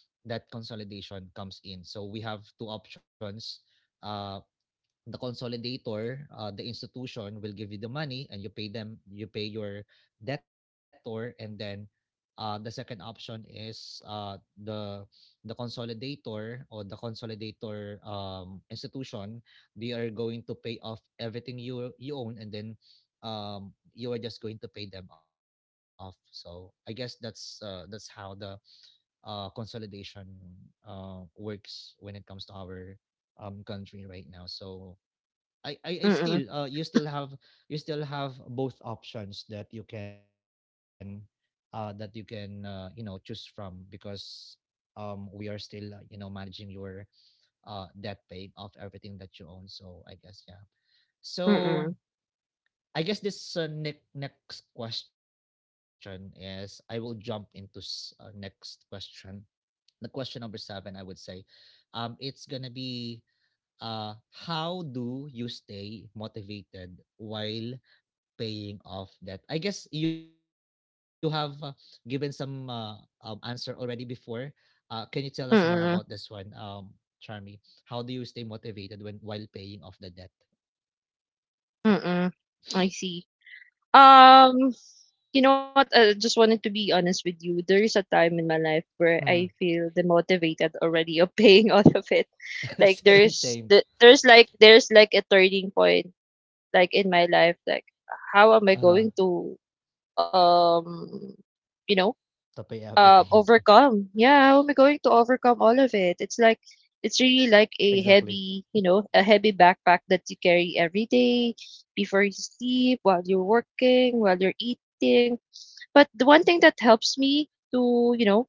that consolidation comes in. So we have two options. uh the consolidator, the institution will give you the money and you pay them, you pay your debtor, and then the second option is the the consolidator or the consolidator institution. They are going to pay off everything you you own, and then you are just going to pay them off. So I guess that's how the consolidation works when it comes to our country right now. So I still you still have both options that you can you know choose from because we are still you know managing your debt pay of everything that you own. So I guess yeah. So I guess this next question is I will jump into next question, the question number seven, I would say, it's gonna be how do you stay motivated while paying off debt? I guess you have given some answer already before. Can you tell us more mm, about mm, this one, Charmy? How do you stay motivated when while paying off the debt? mm. I see. Um, you know what? I just wanted to be honest with you. There is a time in my life where I Mm. feel demotivated already of [laughs] paying all of it. Like [laughs] Same, there's the, same. there's like a turning point, like in my life, like, how am I going Uh-huh. to, um To pay you know, everything. Overcome, yeah, how am I going to overcome all of it? It's like it's [laughs] really like Exactly. a heavy, you know, a heavy backpack that you carry every day, before you sleep, while you're working, while you're eating. But the one thing that helps me to, you know,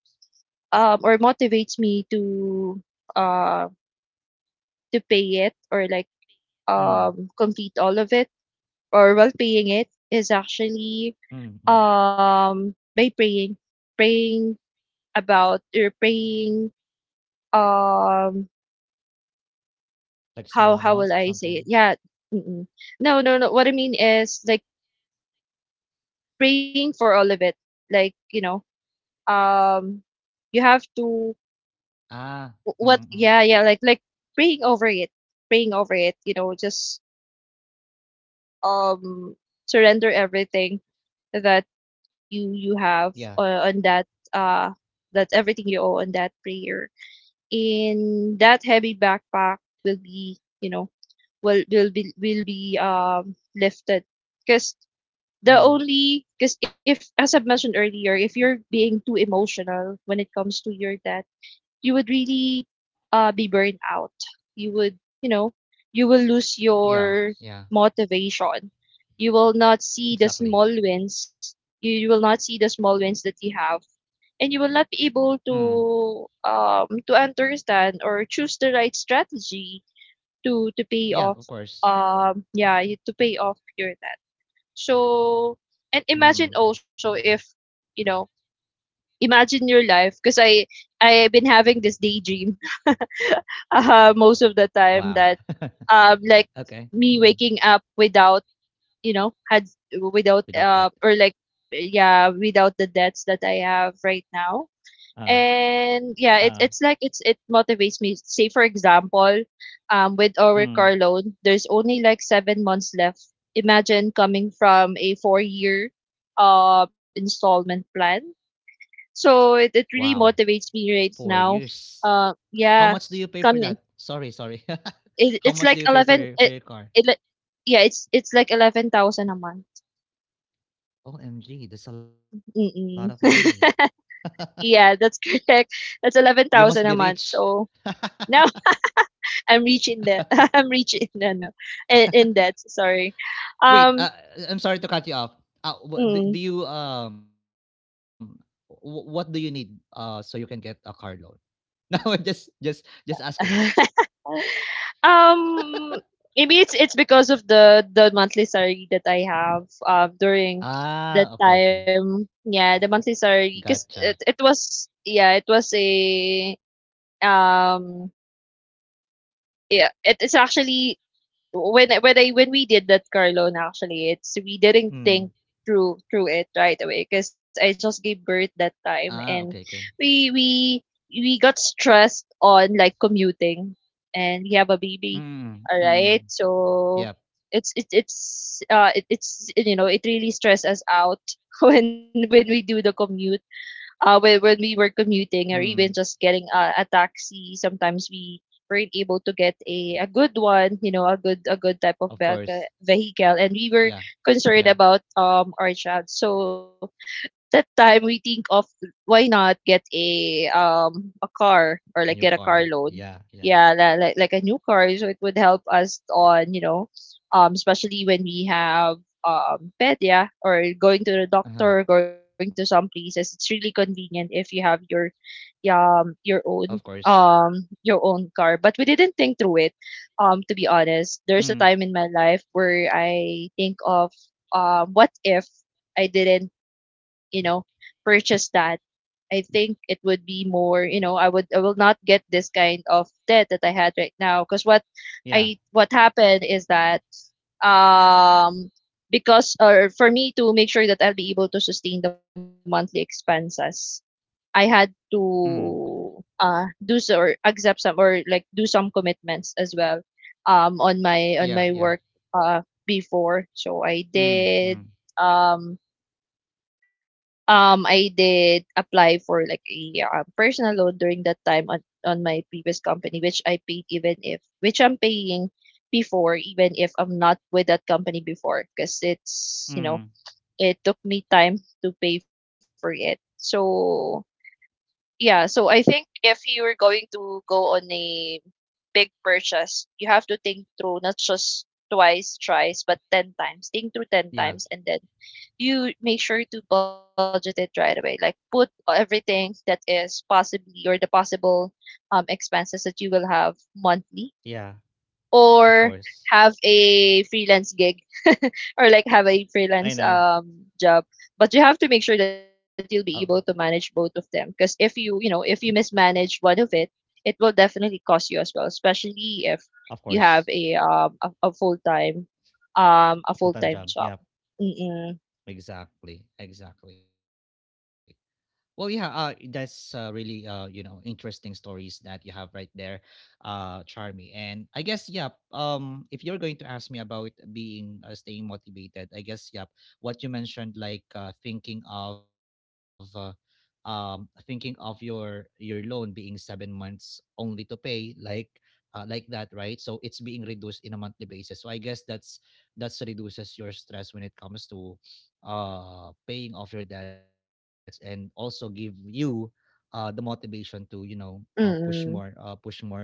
or motivates me to, uh to pay it, or like Mm. Complete all of it, or while paying it, is actually Mm. Mm. By praying. Praying about, or praying, um Like how small will I amounts, say it? something. Yeah. Mm-mm. No no no, what I mean is like, praying for all of it, like, you know, um you have to Ah. Mm. Mm. wh- what yeah yeah, like praying over it, praying over it, you know, just um surrender everything that you Yeah. you have on that, uh that everything you owe on that prayer. And that heavy backpack will be, you know, will be lifted, because the Mm. only, because if, as I've mentioned earlier, if you're being too emotional when it comes to your debt, you would really be burned out. You would, you know, you will lose Yeah, your yeah, motivation. You will not see the exactly. small wins. You will not see the small wins that you have, and you will not be Mm. able to understand or choose the right strategy to pay Yeah, of off, course. Yeah, to pay off your debt. So, and imagine Mm. also if, you know, imagine your life, because I, I've been having this daydream most of Wow. the time that [laughs] Okay. like Mm. me waking up without, you know, had without Without that. Or like, yeah, without the debts that I have right Uh now. uh. And yeah, it, it's like, it's it motivates me. Say for example, with our car Mm. loan, there's only like 7 months left. Imagine coming from a 4 year installment plan. So it really Wow. motivates me right Four now, years. How yeah, much do you pay for coming, that? Sorry, sorry. it [laughs] How it's much like do you pay 11, it, for your car? it like yeah, it's like 11,000 a month. OMG, that's a lot of money. Mm-mm. [laughs] Yeah, that's [laughs] correct. You must That's be rich. 11,000 a month. [laughs] So now [laughs] I'm reaching that. [laughs] I'm reaching, no no. In that, sorry. Wait, Um, I'm sorry to cut you off. Wh- do, do mm. you what do you need so you can get a car loan? [laughs] Oh, just asking. [laughs] Um, maybe it's because of the monthly salary that I have during that Ah, okay, okay. time. Yeah, the monthly Gotcha. salary, because it was, yeah, it was a um yeah, it is actually, when we did that, Carlone. Actually, it's, we didn't think Mm. Through it right away, because I just gave birth that Ah, okay, time, okay. and we we we got stressed on like commuting, and we have a baby. Mm, All mm. right, Yep. so it's it's, you know, it really stresses us out [laughs] when we do the commute, when we were Mm. commuting, or even just getting a taxi. Sometimes we weren't able to get Yeah. A good one, you know, a good, a good type Of of course. vehicle, vehicle, and we were Yeah. concerned Yeah. about our child. So that time we think of, why not get a car, A or new like get a car. car loan, Yeah, yeah. yeah, like a new car, so it would help us on, you know, especially when we have pet, yeah, or going to the Uh-huh. doctor, going to some places. It's really convenient if you have your, yeah, Of course. Your own car. But we didn't think through it. To be honest, Mm. there's a time in my life where I think of, what if I didn't, you know, purchase that, I think it would be more, you know, I would, I will not get this kind of debt that I had right now. Because what Yeah. I, what happened is that, um because, or for me to make sure that I'll be able to sustain the monthly expenses, I had Mm. to do so, or accept some, or like do some commitments as well on Yeah, yeah. my work, before. So Mm. Mm. um I did apply for like a personal loan during that time on my previous company, which I paid, even if, which I'm paying before, even if I'm not with that company before, because Mm. it's, you know, it took me time to pay for it. So yeah, so I think if you're going to go on a big purchase, you have to think through, not just twice, thrice, but 10 times. Think through Yeah. 10 times, and then you make sure to budget it right away. Like put everything that is possibly or the possible expenses that you will have monthly, Yeah. Of or course. have a freelance gig, or like have a freelance I know. Job. But you have to make sure Of that you'll be able to manage both of them. Because if you, you know, if you mismanage one of it, it will definitely cost you as well. Especially if you of have course. a full time Full-time job. job. Yep. Mm-mm. Exactly. Exactly. Well, yeah, that's really you know, interesting stories that you have right there, Charmy. And I guess yep. If you're going to ask me about being staying motivated, I guess yep. What you mentioned, like thinking of your loan being 7 months only to pay, like that, right? So it's being reduced in a monthly basis. So I guess that's reduces your stress when it comes to paying off your debts, and also give you the motivation to you know Mm-mm. push more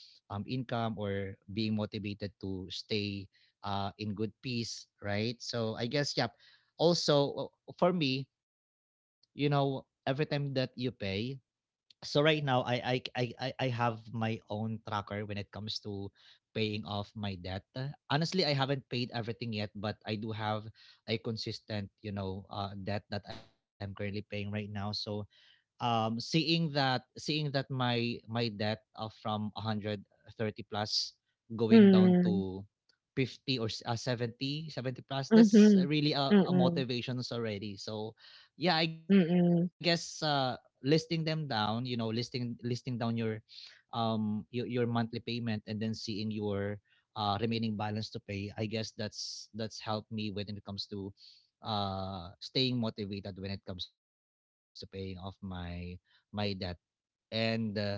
income, or being motivated to stay in good peace, right? So I guess yep. Also for me, you know, every time that you pay, so right now I have my own tracker when it comes to paying off my debt. Honestly, I haven't paid everything yet, but I do have a consistent, you know, debt that I'm currently paying right now. So seeing that my debt from 130 plus going down Mm, to 50, or 70 seventy plus, that's mhm, really a mm, motivation already. So yeah, mm, listing them down, you know, listing down your your monthly payment, and then seeing your remaining balance to pay, I guess that's helped me when it comes to staying motivated when it comes to paying off my my debt. And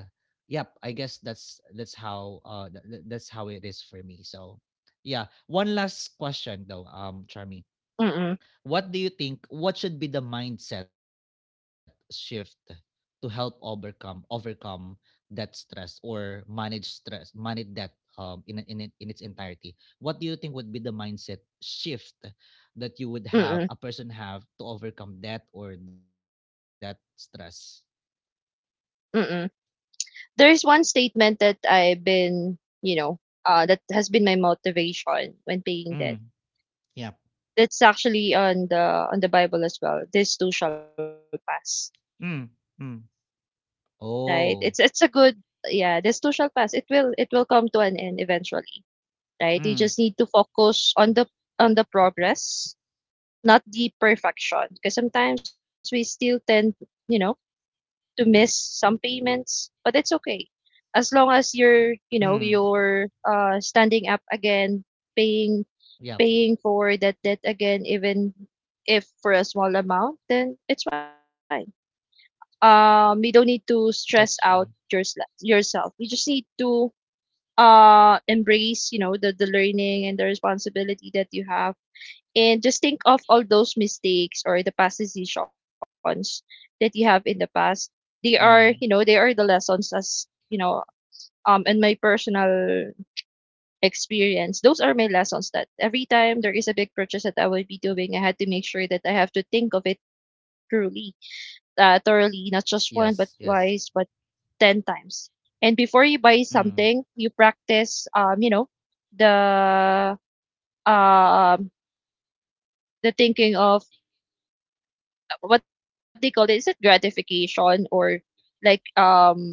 yep, that's how that's how it is for me. So yeah, one last question though, Charmy. mm, What do you think, what should be the mindset shift to help overcome that stress, or manage stress manage that in in its entirety? What do you think would be the mindset shift that you would have, mm, a person have to overcome that or that stress? mm. There's one statement that I've been, you know, that has been my motivation when paying debt. Mm. Yep. That's actually on the Bible as well. This too shall pass, Mm. Mm. Oh. right? It's a good, yeah. This too shall pass. It will come to an end eventually, right? You just need Mm. to focus on the progress, not the perfection, because sometimes we still tend, you know to miss some payments, but it's okay. As long as you're, Mm. you know, you're standing up again, paying Yep. paying for that debt again, even if for a small amount, then it's fine. You don't need That's to true. stress out yours Yourself. You just need to embrace, you know, the learning and the responsibility that you have, and just think of all those mistakes or the past decisions that you have in the past. They Mm. are, you know, they are the lessons. As, you know, in my personal experience, those are my lessons, that every time there is a big purchase that I will be doing, I had to make sure that I have to think of it truly, thoroughly, not just one, but twice, Yes, but yes. 10 times. And before you buy something, Mm. you practice the um the thinking of, what they call it, is it gratification? Or like um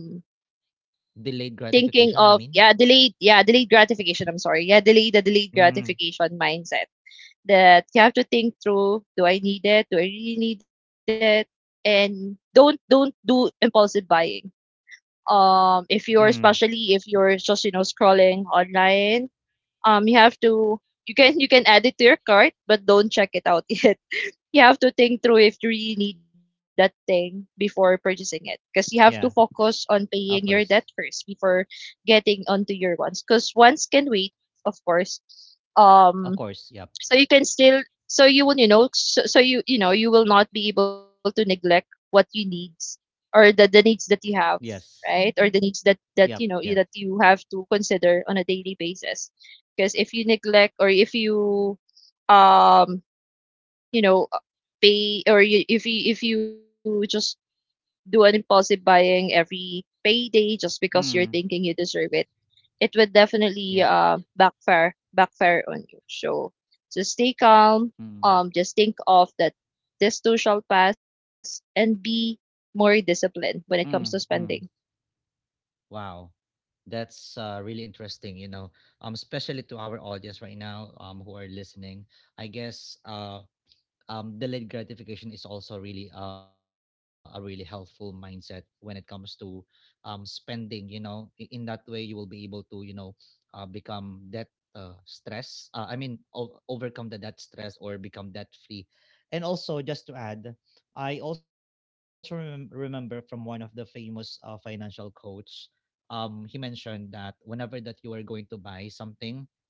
Delayed gratification, you thinking mean? of, yeah, delayed gratification. I'm sorry. Yeah, delayed Mm. gratification mindset, that you have to think through, do I need it? Do I really need it? And don't do impulsive buying. um if you're Mm, especially if you're just, you know, scrolling online. You have to, you can add it to your cart, but don't check it out [laughs] yet. You have to think through if you really need that thing before purchasing it, because you yeah, have to focus on of paying your course. debt first before getting onto your wants. Because wants can wait, of course. Um, Of course, yep. so you can still, so you will, you know, so you, you know, you will not be able to neglect what you need, or the needs that you have, Yes. right? Or the needs that Yep, you yep. know that you have to consider on a daily basis. Because if you neglect, or if you um you know pay, or if you just do an impulsive buying every payday just Mm, because you're thinking you deserve it, it would yep. definitely backfire on you. So just stay calm. Mm, Just think of that, this too shall pass, and be more disciplined when it comes to mm, spending. mm. Wow. That's really interesting, you know, especially to our audience right now who are listening. I guess delayed gratification is also really a really helpful mindset when it comes to spending. You know, in that way, you will be able to, you know, become debt stress. I mean, overcome the debt stress or become debt free. And also, just to add, I also remember from one of the famous financial coach. He mentioned that whenever that you are going to buy something,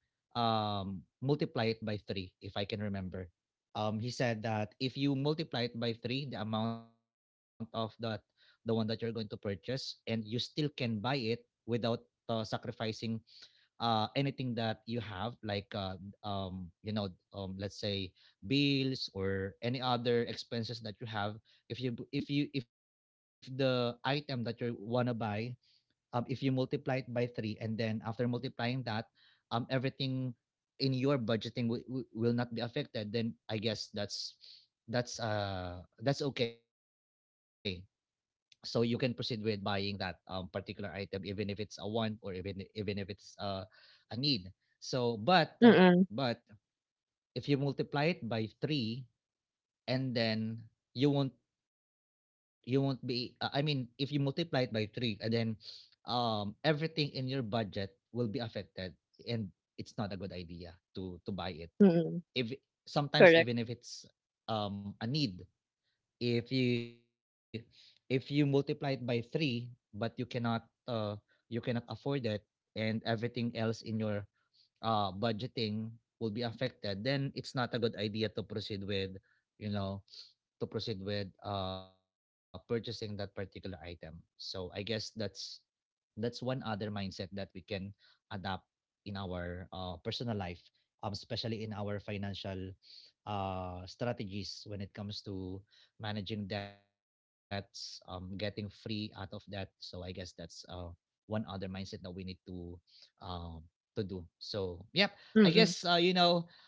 multiply it by three, if I can remember. He said that if you multiply it by three, the amount of that the one that you're going to purchase, and you still can buy it without sacrificing anything that you have, like um, you know, let's say bills or any other expenses that you have. If you if you if the item that you wanna buy, if you multiply it by three, and then after multiplying that, everything in your budgeting will not be affected, then I guess that's that's okay. So you can proceed with buying that particular item, even if it's a want or even if it's a need. So, but Mm-mm, if you multiply it by three, and then you won't you won't be if you multiply it by 3 and then everything in your budget will be affected, and it's not a good idea to buy it mm-mm, if, sometimes, even correct. if it's a need, if you multiply it by 3 but you cannot afford it, and everything else in your budgeting will be affected, then it's not a good idea to proceed with, you know to proceed with purchasing that particular item. So I guess that's one other mindset that we can adapt in our personal life, especially in our financial strategies when it comes to managing debts, getting free out of debt. So I guess that's one other mindset that we need um, to do. So yeah, I guess Mm-mm, uh, you know.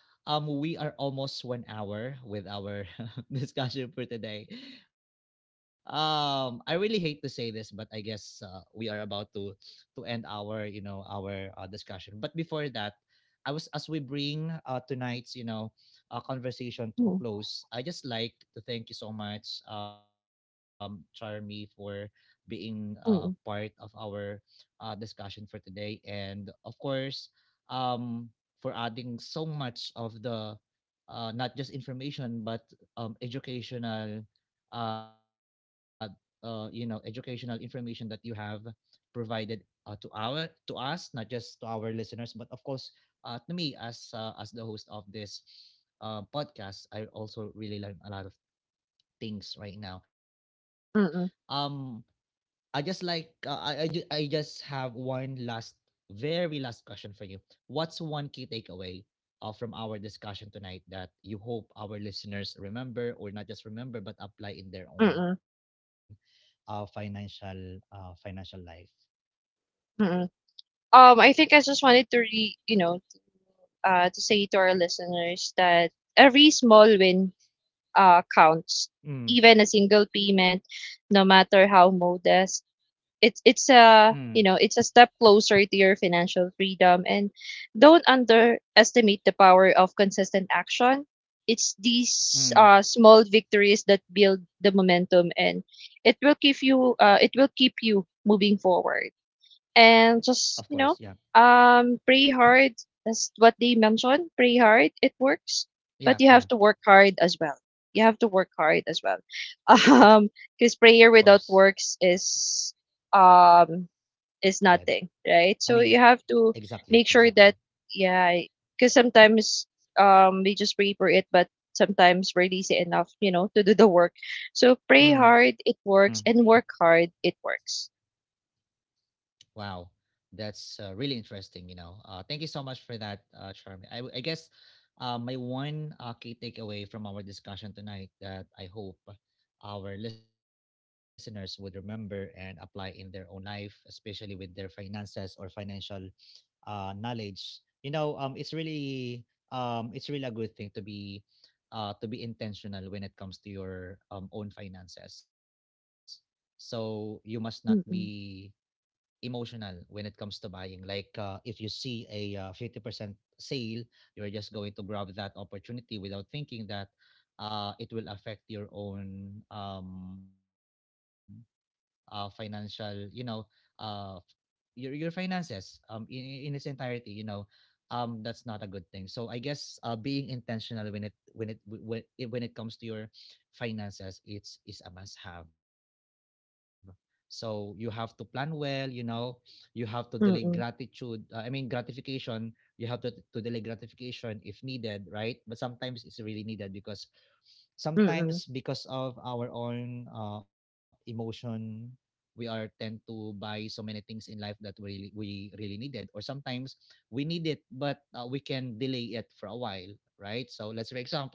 We are almost 1 hour with our [laughs] discussion for today. I really hate to say this, but I guess we are about to end our, our discussion. But before that, I was as we bring tonight's, mm-mm, conversation to a close, I just like to thank you so much, Charmy, for being part of our discussion for today. And of course, um, for adding so much of the not just information but educational uh, educational information that you have provided to our, to us, not just to our listeners but of course to me as the host of this podcast, I also really learn a lot of things right now. mm-mm, Um, I just like I just have one last, very last question for you. What's one key takeaway from our discussion tonight that you hope our listeners remember, or not just remember, but apply in mm-mm, their own financial, financial life? mm-mm. I think I just wanted to to say to our listeners that every small win counts. Even a Mm, single payment, no matter how modest, it's mm, a, you know, it's a step closer to your financial freedom. And don't underestimate the power of consistent action. It's these mm. small victories that build the momentum, and it will keep you moving forward. And Of just, course, you yeah, know, pray hard. That's what they mentioned. Pray hard, it works, but you yeah, have to yeah. work hard as well. You have to work hard as well. [laughs] um Of because course, prayer without works is, um dead. is nothing, I mean, right? So you have to exactly, make exactly. sure that, yeah, because sometimes, we just pray for it, but sometimes we're lazy enough, you know, to do the work. So pray hard, it works, and work hard, it works. Wow, that's really interesting. You know, thank you so much for that, Charmy. I guess my one key takeaway from our discussion tonight that I hope our listeners would remember and apply in their own life, especially with their finances or financial knowledge. You know, it's really a good thing to be intentional when it comes to your own finances. So you must not be Mm-mm. emotional when it comes to buying. Like if you see a 50% sale, you're just going to grab that opportunity without thinking that it will affect your own financial, you know, uh, your finances in its entirety, you know, that's not a good thing. So I guess being intentional when it comes to your finances, it's is a must have. So you have to plan well, you know, you have to delay gratitude. Mm-mm. Gratification. You have to delay gratification if needed, right? But sometimes it's really needed because sometimes because Mm-mm. of our own emotion we are tend to buy so many things in life that we really needed, or sometimes we need it but we can delay it for a while, right? So let's say, for example,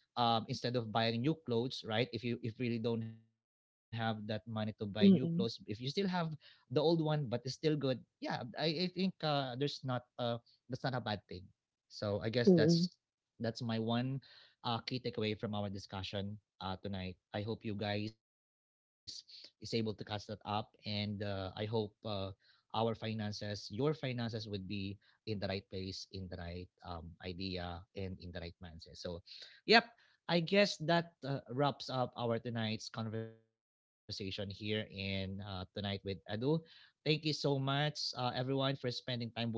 instead of buying new clothes, right? If you, if really don't have that money to buy new clothes, if 嗯 you still 嗯 have the old one but it's still good, yeah, I think there's not that's not a bad thing. So I guess 嗯嗯，that's my one key takeaway from our discussion tonight. I hope you guys is able to catch that up, and I hope our finances, your finances, would be in the right place, in the right idea, and in the right mindset. So, yep. I guess that wraps up our tonight's conversation here in tonight with Edu. Thank you so much, everyone, for spending time with us.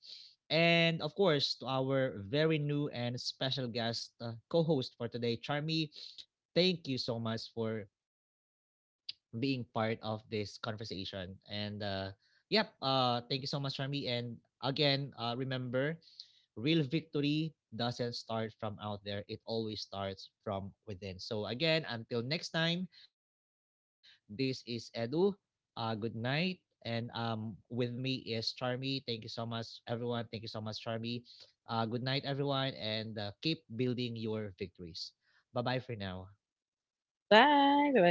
And of course, to our very new and special guest co host for today, Charmy, thank you so much for being part of this conversation. And yep, thank you so much, Charmy. And again, remember, real victory doesn't start from out there, it always starts from within. So, again, until next time, this is Edu. Good night. And with me is Charmy. Thank you so much, everyone. Thank you so much, Charmy. Good night, everyone, and keep building your victories. Bye bye for now. 拜拜。